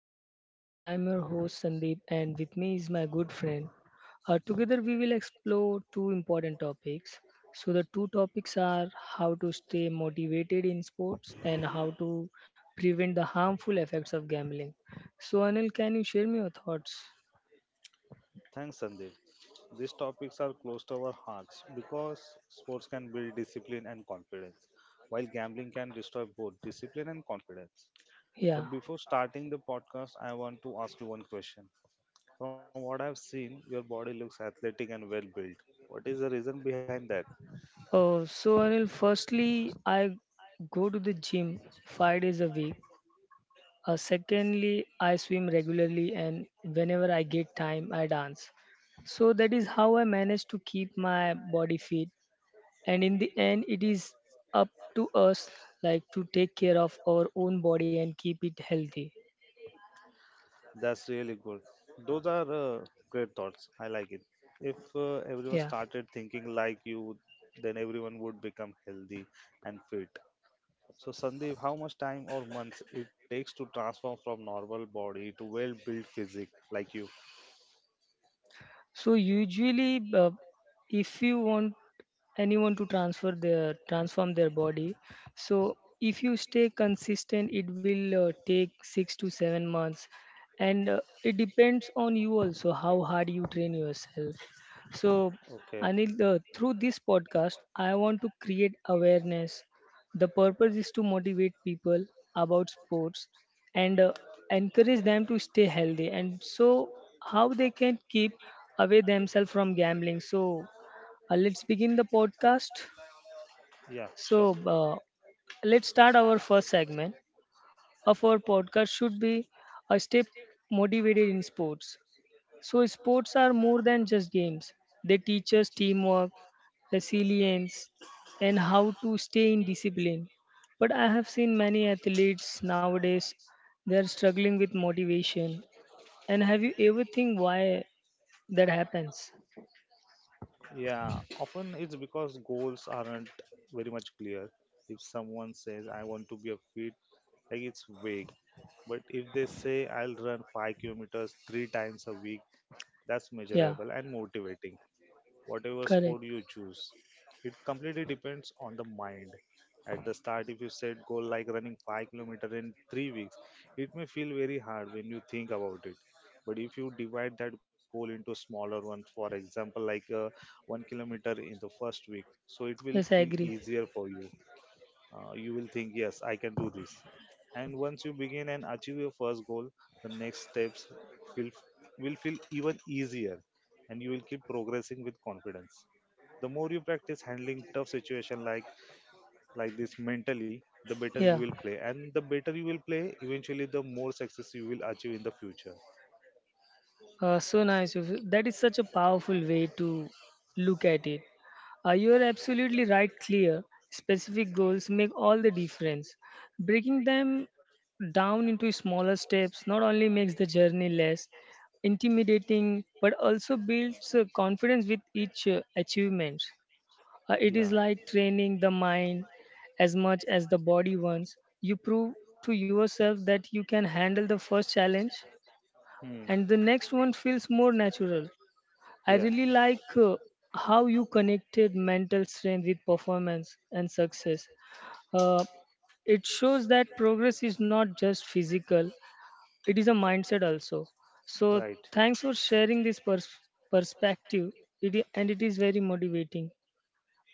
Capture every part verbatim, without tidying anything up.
podcast. I'm your host Sandeep, and with me is my good friend. Uh, together, we will explore two important topics. So, the two topics are how to stay motivated in sports and how to prevent the harmful effects of gambling. So, Anil, can you share me your thoughts? Thanks, Sandeep. These topics are close to our hearts because sports can build discipline and confidence, while gambling can destroy both discipline and confidence. Yeah. But before starting the podcast, I want to ask you one question. From what I've seen, your body looks athletic and well built. What is the reason behind that? Uh, so, Anil, firstly, I go to the gym five days a week. Uh, secondly, I swim regularly, and whenever I get time, I dance. So that is how I manage to keep my body fit. And in the end, it is up to us, like, to take care of our own body and keep it healthy. That's really good. Those are uh, great thoughts. I like it. If uh, everyone Yeah. started thinking like you, then everyone would become healthy and fit. So, Sandeep, how much time or months it takes to transform from normal body to well built physique like you? So usually, uh, if you want anyone to transfer their transform their body, so if you stay consistent, it will uh, take six to seven months, and uh, it depends on you also how hard you train yourself. So, Okay, Anil, uh, through this podcast, I want to create awareness. The purpose is to motivate people about sports and, uh, encourage them to stay healthy, and so how they can keep away themselves from gambling. So uh, let's begin the podcast. yeah, So sure. uh, let's start our first segment of our podcast should be a stay motivated in sports. So sports are more than just games. They teach us teamwork, resilience, and how to stay in discipline. But I have seen many athletes nowadays they are struggling with motivation, and have you ever think why that happens? Yeah, often it's because goals aren't very much clear. If someone says, I want to be a fit, like it's vague. But if they say, I'll run five kilometers three times a week, that's measurable Yeah. and motivating. Whatever sport Correct. you choose. It completely depends on the mind. At the start, if you set goal like running five kilometer in three weeks, it may feel very hard when you think about it. But if you divide that goal into smaller ones, for example, like uh, one kilometer in the first week, so it will Yes, I feel agree. easier for you. Uh, you will think, yes, I can do this. And once you begin and achieve your first goal, the next steps will will feel even easier, and you will keep progressing with confidence. The more you practice handling tough situation like like this mentally, the better you Yeah. will play, and the better you will play, eventually the more success you will achieve in the future. Uh, so nice of you. That is such a powerful way to look at it. Uh, you are absolutely right. Clear, specific goals make all the difference. Breaking them down into smaller steps not only makes the journey less intimidating but also builds uh, confidence with each uh, achievement. Uh, it Yeah. is like training the mind as much as the body once. You prove to yourself that you can handle the first challenge, Hmm. and the next one feels more natural. I really like uh, how you connected Yeah. mental strength with performance and success. Uh, it shows that progress is not just physical, it is a mindset also. So, Right. thanks for sharing this pers- perspective, it, i- and it is very motivating.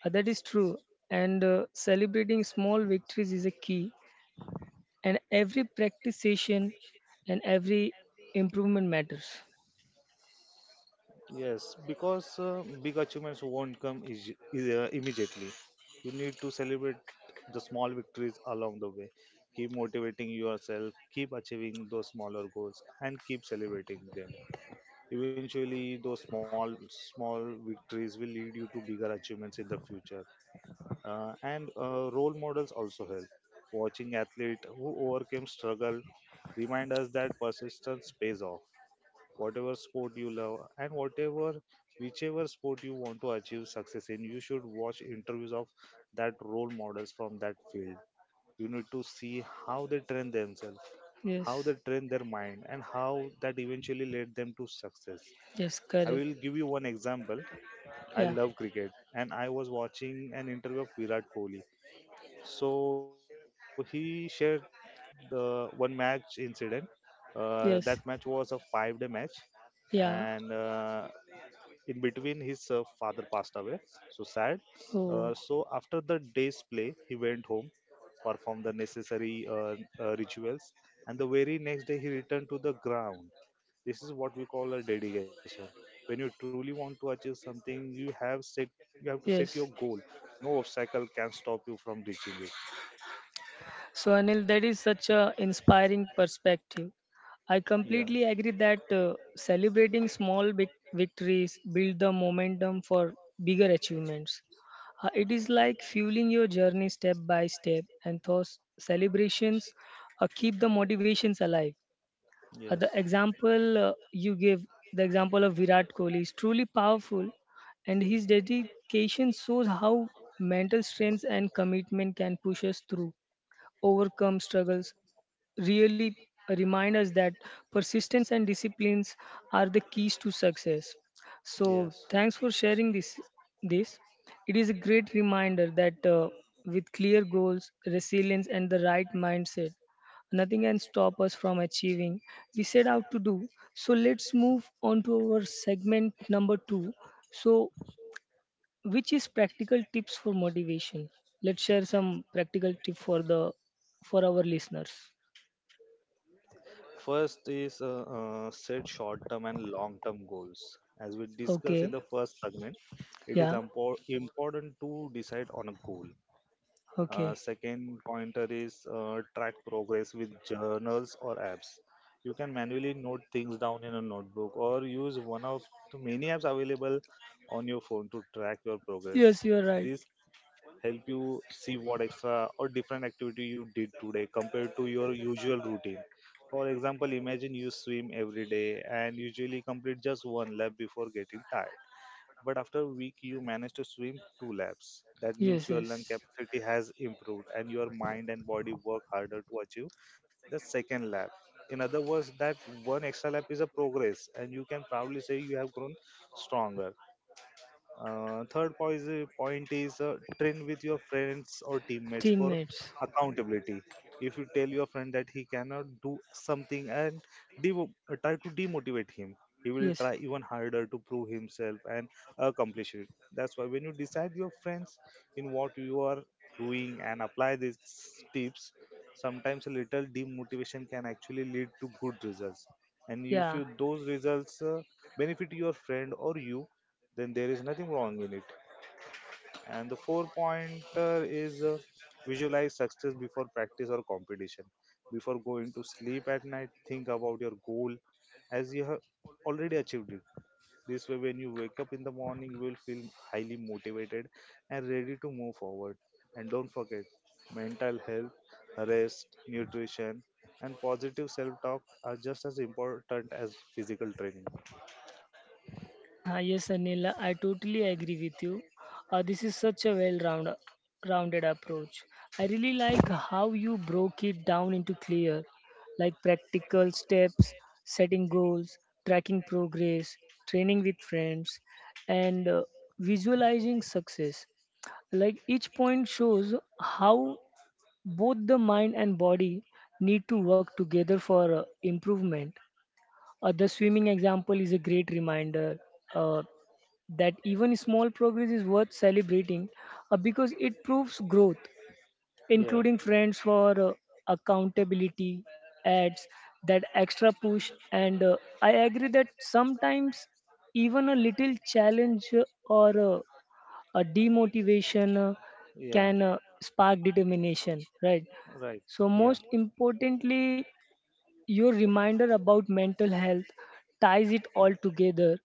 Uh, that is true. And uh, celebrating small victories is a key. And every practice session and every improvement matters. Yes, because uh, big achievements won't come is, is, uh, immediately. You need to celebrate the small victories along the way. Keep motivating yourself, keep achieving those smaller goals, and keep celebrating them. Eventually, those small small victories will lead you to bigger achievements in the future. Uh, and uh, role models also help. Watching athlete who overcame struggle remind us that persistence pays off. Whatever sport you love, and whatever whichever sport you want to achieve success in, you should watch interviews of that role models from that field. You need to see how they train themselves, how Yes. they train their mind, and how that eventually led them to success. Yes, I correct. will give you one example. I Yeah. love cricket, and I was watching an interview of Virat Kohli. So he shared the one match incident. Uh, that match was Yes. a five day match, and Yeah. uh, in between his uh, father passed away, so sad. uh, Oh, so after the day's play he went home, performed the necessary uh, uh, rituals, and the very next day he returned to the ground. This is what we call a dedication. When you truly want to achieve something, you have set, you have to set your yes. goal, no obstacle can stop you from reaching it. So, Anil, that is such a inspiring perspective. I Yeah. completely agree that uh, celebrating small vic- victories build the momentum for bigger achievements. Uh, it is like fueling your journey step by step, and thus celebrations uh, keep the motivations alive. Uh, the Yes. example uh, you gave, the example of Virat Kohli, is truly powerful, and his dedication shows how mental strength and commitment can push us through, overcome struggles, really remind us that persistence and disciplines are the keys to success. So Yes. thanks for sharing this. this it is a great reminder that, uh, with clear goals, resilience, and the right mindset, nothing can stop us from achieving we set out to do. So let's move on to our segment number two, so which is practical tips for motivation. Let's share some practical tip for the, for our listeners. First is uh, uh, set short term and long term goals. As we discussed in Okay. the first segment, it is Yeah. impor- important to decide on a goal. Uh, Okay. Second pointer is uh, track progress with journals or apps. You can manually note things down in a notebook or use one of the many apps available on your phone to track your progress. Yes, you are right. This help you see what extra or different activity you did today compared to your usual routine. For example, imagine you swim every day and usually complete just one lap before getting tired. But after a week, you manage to swim two laps. That means Yes, your lung yes. capacity has improved and your mind and body work harder to achieve the second lap. In other words, that one extra lap is a progress, and you can proudly say you have grown stronger. Uh, third point is, point is uh, train with your friends or teammates for Teammates. accountability. If you tell your friend that he cannot do something and devo- uh, try to demotivate him, he will Yes. try even harder to prove himself and accomplish it. That's why when you decide your friends in what you are doing and apply these tips, sometimes a little demotivation can actually lead to good results. And if Yeah. you those results uh, benefit your friend or you, then there is nothing wrong in it. And the four pointer is uh, visualize success before practice or competition. Before going to sleep at night, think about your goal as you have already achieved it. This way, when you wake up in the morning, you will feel highly motivated and ready to move forward. And don't forget, mental health, rest, nutrition, and positive self talk are just as important as physical training. Ah, yes, Anil, I totally agree with you. Uh, this is such a well-rounded rounded approach. I really like how you broke it down into clear, like, practical steps: setting goals, tracking progress, training with friends, and uh, visualizing success. Like, each point shows how both the mind and body need to work together for uh, improvement. Uh, the swimming example is a great reminder. Uh, that even small progress is worth celebrating, uh, because it proves growth. Yeah. Including friends for uh, accountability adds that extra push. And uh, I agree that sometimes even a little challenge uh, or uh, a demotivation uh, Yeah. can uh, spark determination, right? Right. So, Yeah. most importantly, your reminder about mental health ties it all together,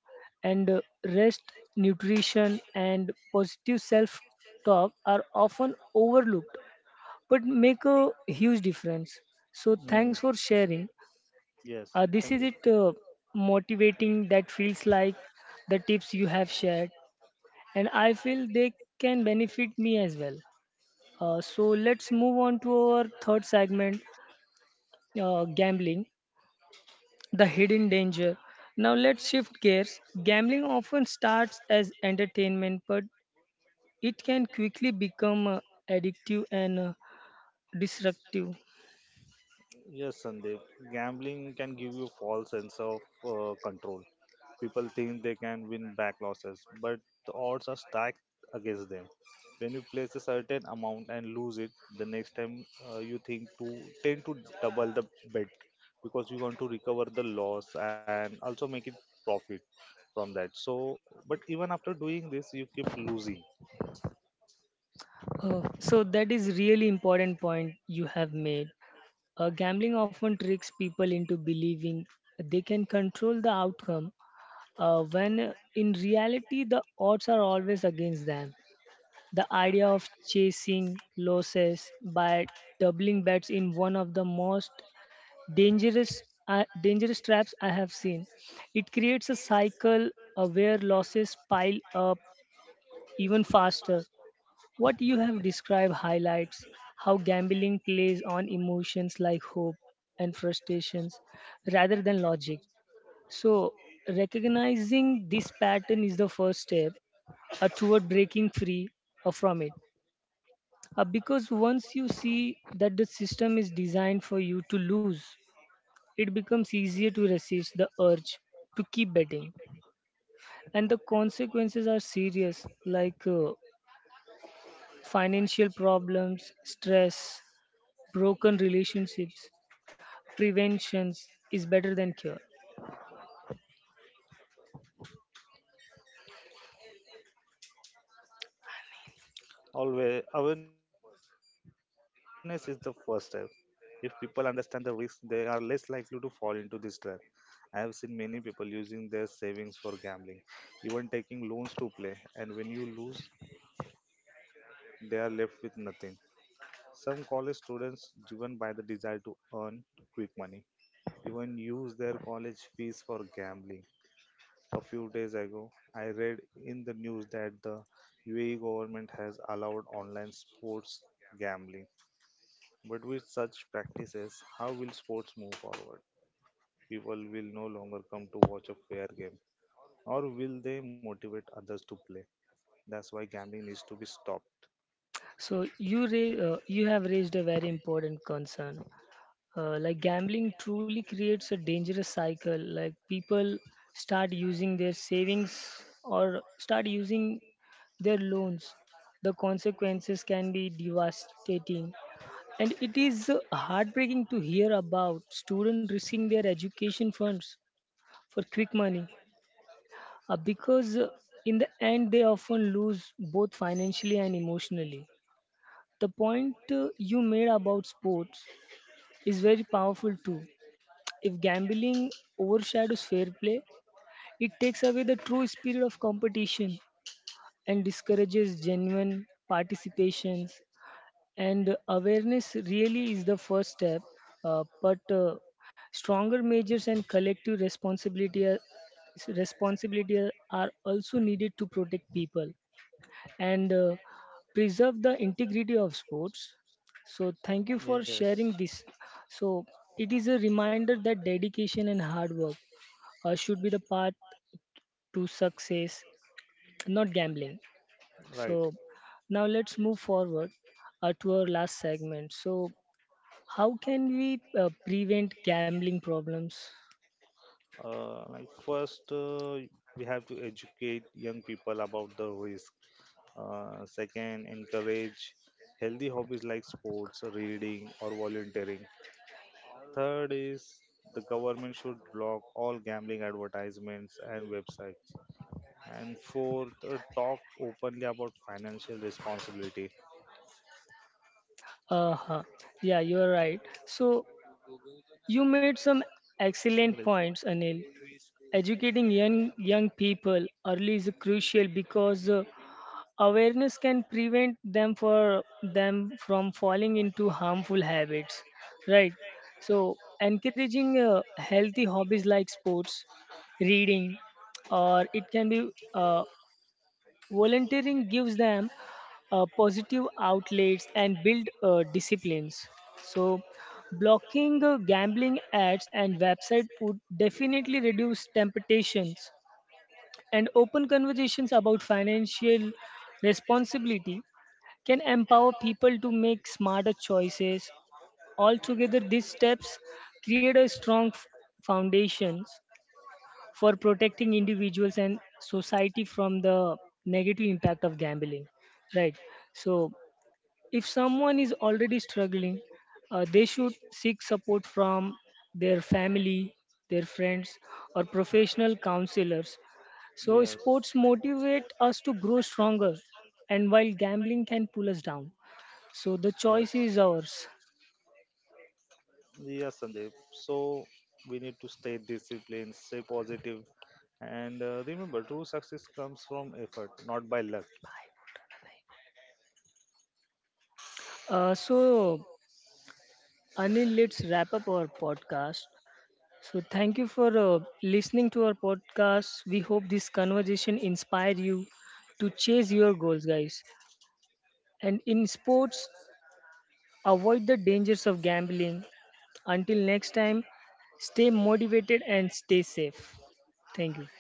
and uh, rest, nutrition, and positive self talk are often overlooked but make a huge difference. So Mm. thanks for sharing. Yes, uh, This thank is you. it. Uh, motivating, that feels like the tips you have shared, and I feel they can benefit me as well. Uh, so let's move on to our third segment, uh, gambling, the hidden danger. Now let's shift gears. Gambling often starts as entertainment, but it can quickly become uh, addictive and uh, destructive. Yes, Sandeep. Gambling can give you false sense of uh, control. People think they can win back losses, but the odds are stacked against them. When you place a certain amount and lose it, the next time uh, you think to tend to double the bet because you want to recover the loss and also make it profit from that. So, but even after doing this, you keep losing. Uh, so that is really important point you have made. Uh, gambling often tricks people into believing they can control the outcome, uh, when, uh, in reality, the odds are always against them. The idea of chasing losses by doubling bets in one of the most dangerous uh, dangerous traps I have seen. It creates a cycle uh, where losses pile up even faster. What you have described highlights how gambling plays on emotions like hope and frustrations rather than logic. So recognizing this pattern is the first step uh, toward breaking free uh, from it. Uh, because once you see that the system is designed for you to lose, it becomes easier to resist the urge to keep betting. And the consequences are serious, like, uh, financial problems, stress, broken relationships. Preventions is better than cure. Always awareness is the first step. If people understand the risk, they are less likely to fall into this trap. I have seen many people using their savings for gambling, even taking loans to play, and when you lose, they are left with nothing. Some college students, driven by the desire to earn quick money, even use their college fees for gambling. A few days ago, I read in the news that the U A E government has allowed online sports gambling. But with such practices, how will sports move forward? People will no longer come to watch a fair game, or will they motivate others to play? That's why gambling needs to be stopped. So you ra- uh, you have raised a very important concern. Uh, like, gambling truly creates a dangerous cycle. Like, people start using their savings or start using their loans. The consequences can be devastating, and it is uh, heartbreaking to hear about students risking their education funds for quick money. Uh, because, uh, in the end, they often lose both financially and emotionally. The point uh, you made about sports is very powerful too. If gambling overshadows fair play, it takes away the true spirit of competition and discourages genuine participations. And awareness really is the first step, uh, but uh, stronger measures and collective responsibility are, responsibility are are also needed to protect people and, uh, preserve the integrity of sports. So thank you for sharing this. So it is a reminder that dedication and hard work uh, should be the path to success, not gambling. Right. So, now let's move forward uh, to our last segment. So, how can we uh, prevent gambling problems? Uh, like first, uh, we have to educate young people about the risk. Uh, second, encourage healthy hobbies like sports, reading, or volunteering. Third is the government should block all gambling advertisements and websites. And fourth, uh, talk openly about financial responsibility. Uh huh. Yeah, you're right. So, you made some So, excellent like, points, Anil. Educating young young people early is crucial, because uh, awareness can prevent them for them from falling into harmful habits, right? So encouraging uh, healthy hobbies like sports, reading, or it can be uh, volunteering, gives them uh, positive outlets and build uh, disciplines. So blocking uh, gambling ads and website would definitely reduce temptations, and open conversations about financial responsibility can empower people to make smarter choices. Altogether, these steps create a strong f- foundations for protecting individuals and society from the negative impact of gambling. Right. So, if someone is already struggling, uh, they should seek support from their family, their friends, or professional counselors. So, yes, sports motivate us to grow stronger, and while gambling can pull us down. So, the yes. choice is ours. Yeah, Sandeep. So we need to stay disciplined, stay positive, and uh, remember, true success comes from effort, not by luck. Uh, so, Anil, let's wrap up our podcast. So, thank you for uh, listening to our podcast. We hope this conversation inspire you to chase your goals, guys. And in sports, avoid the dangers of gambling. Until next time, stay motivated and stay safe. Thank you.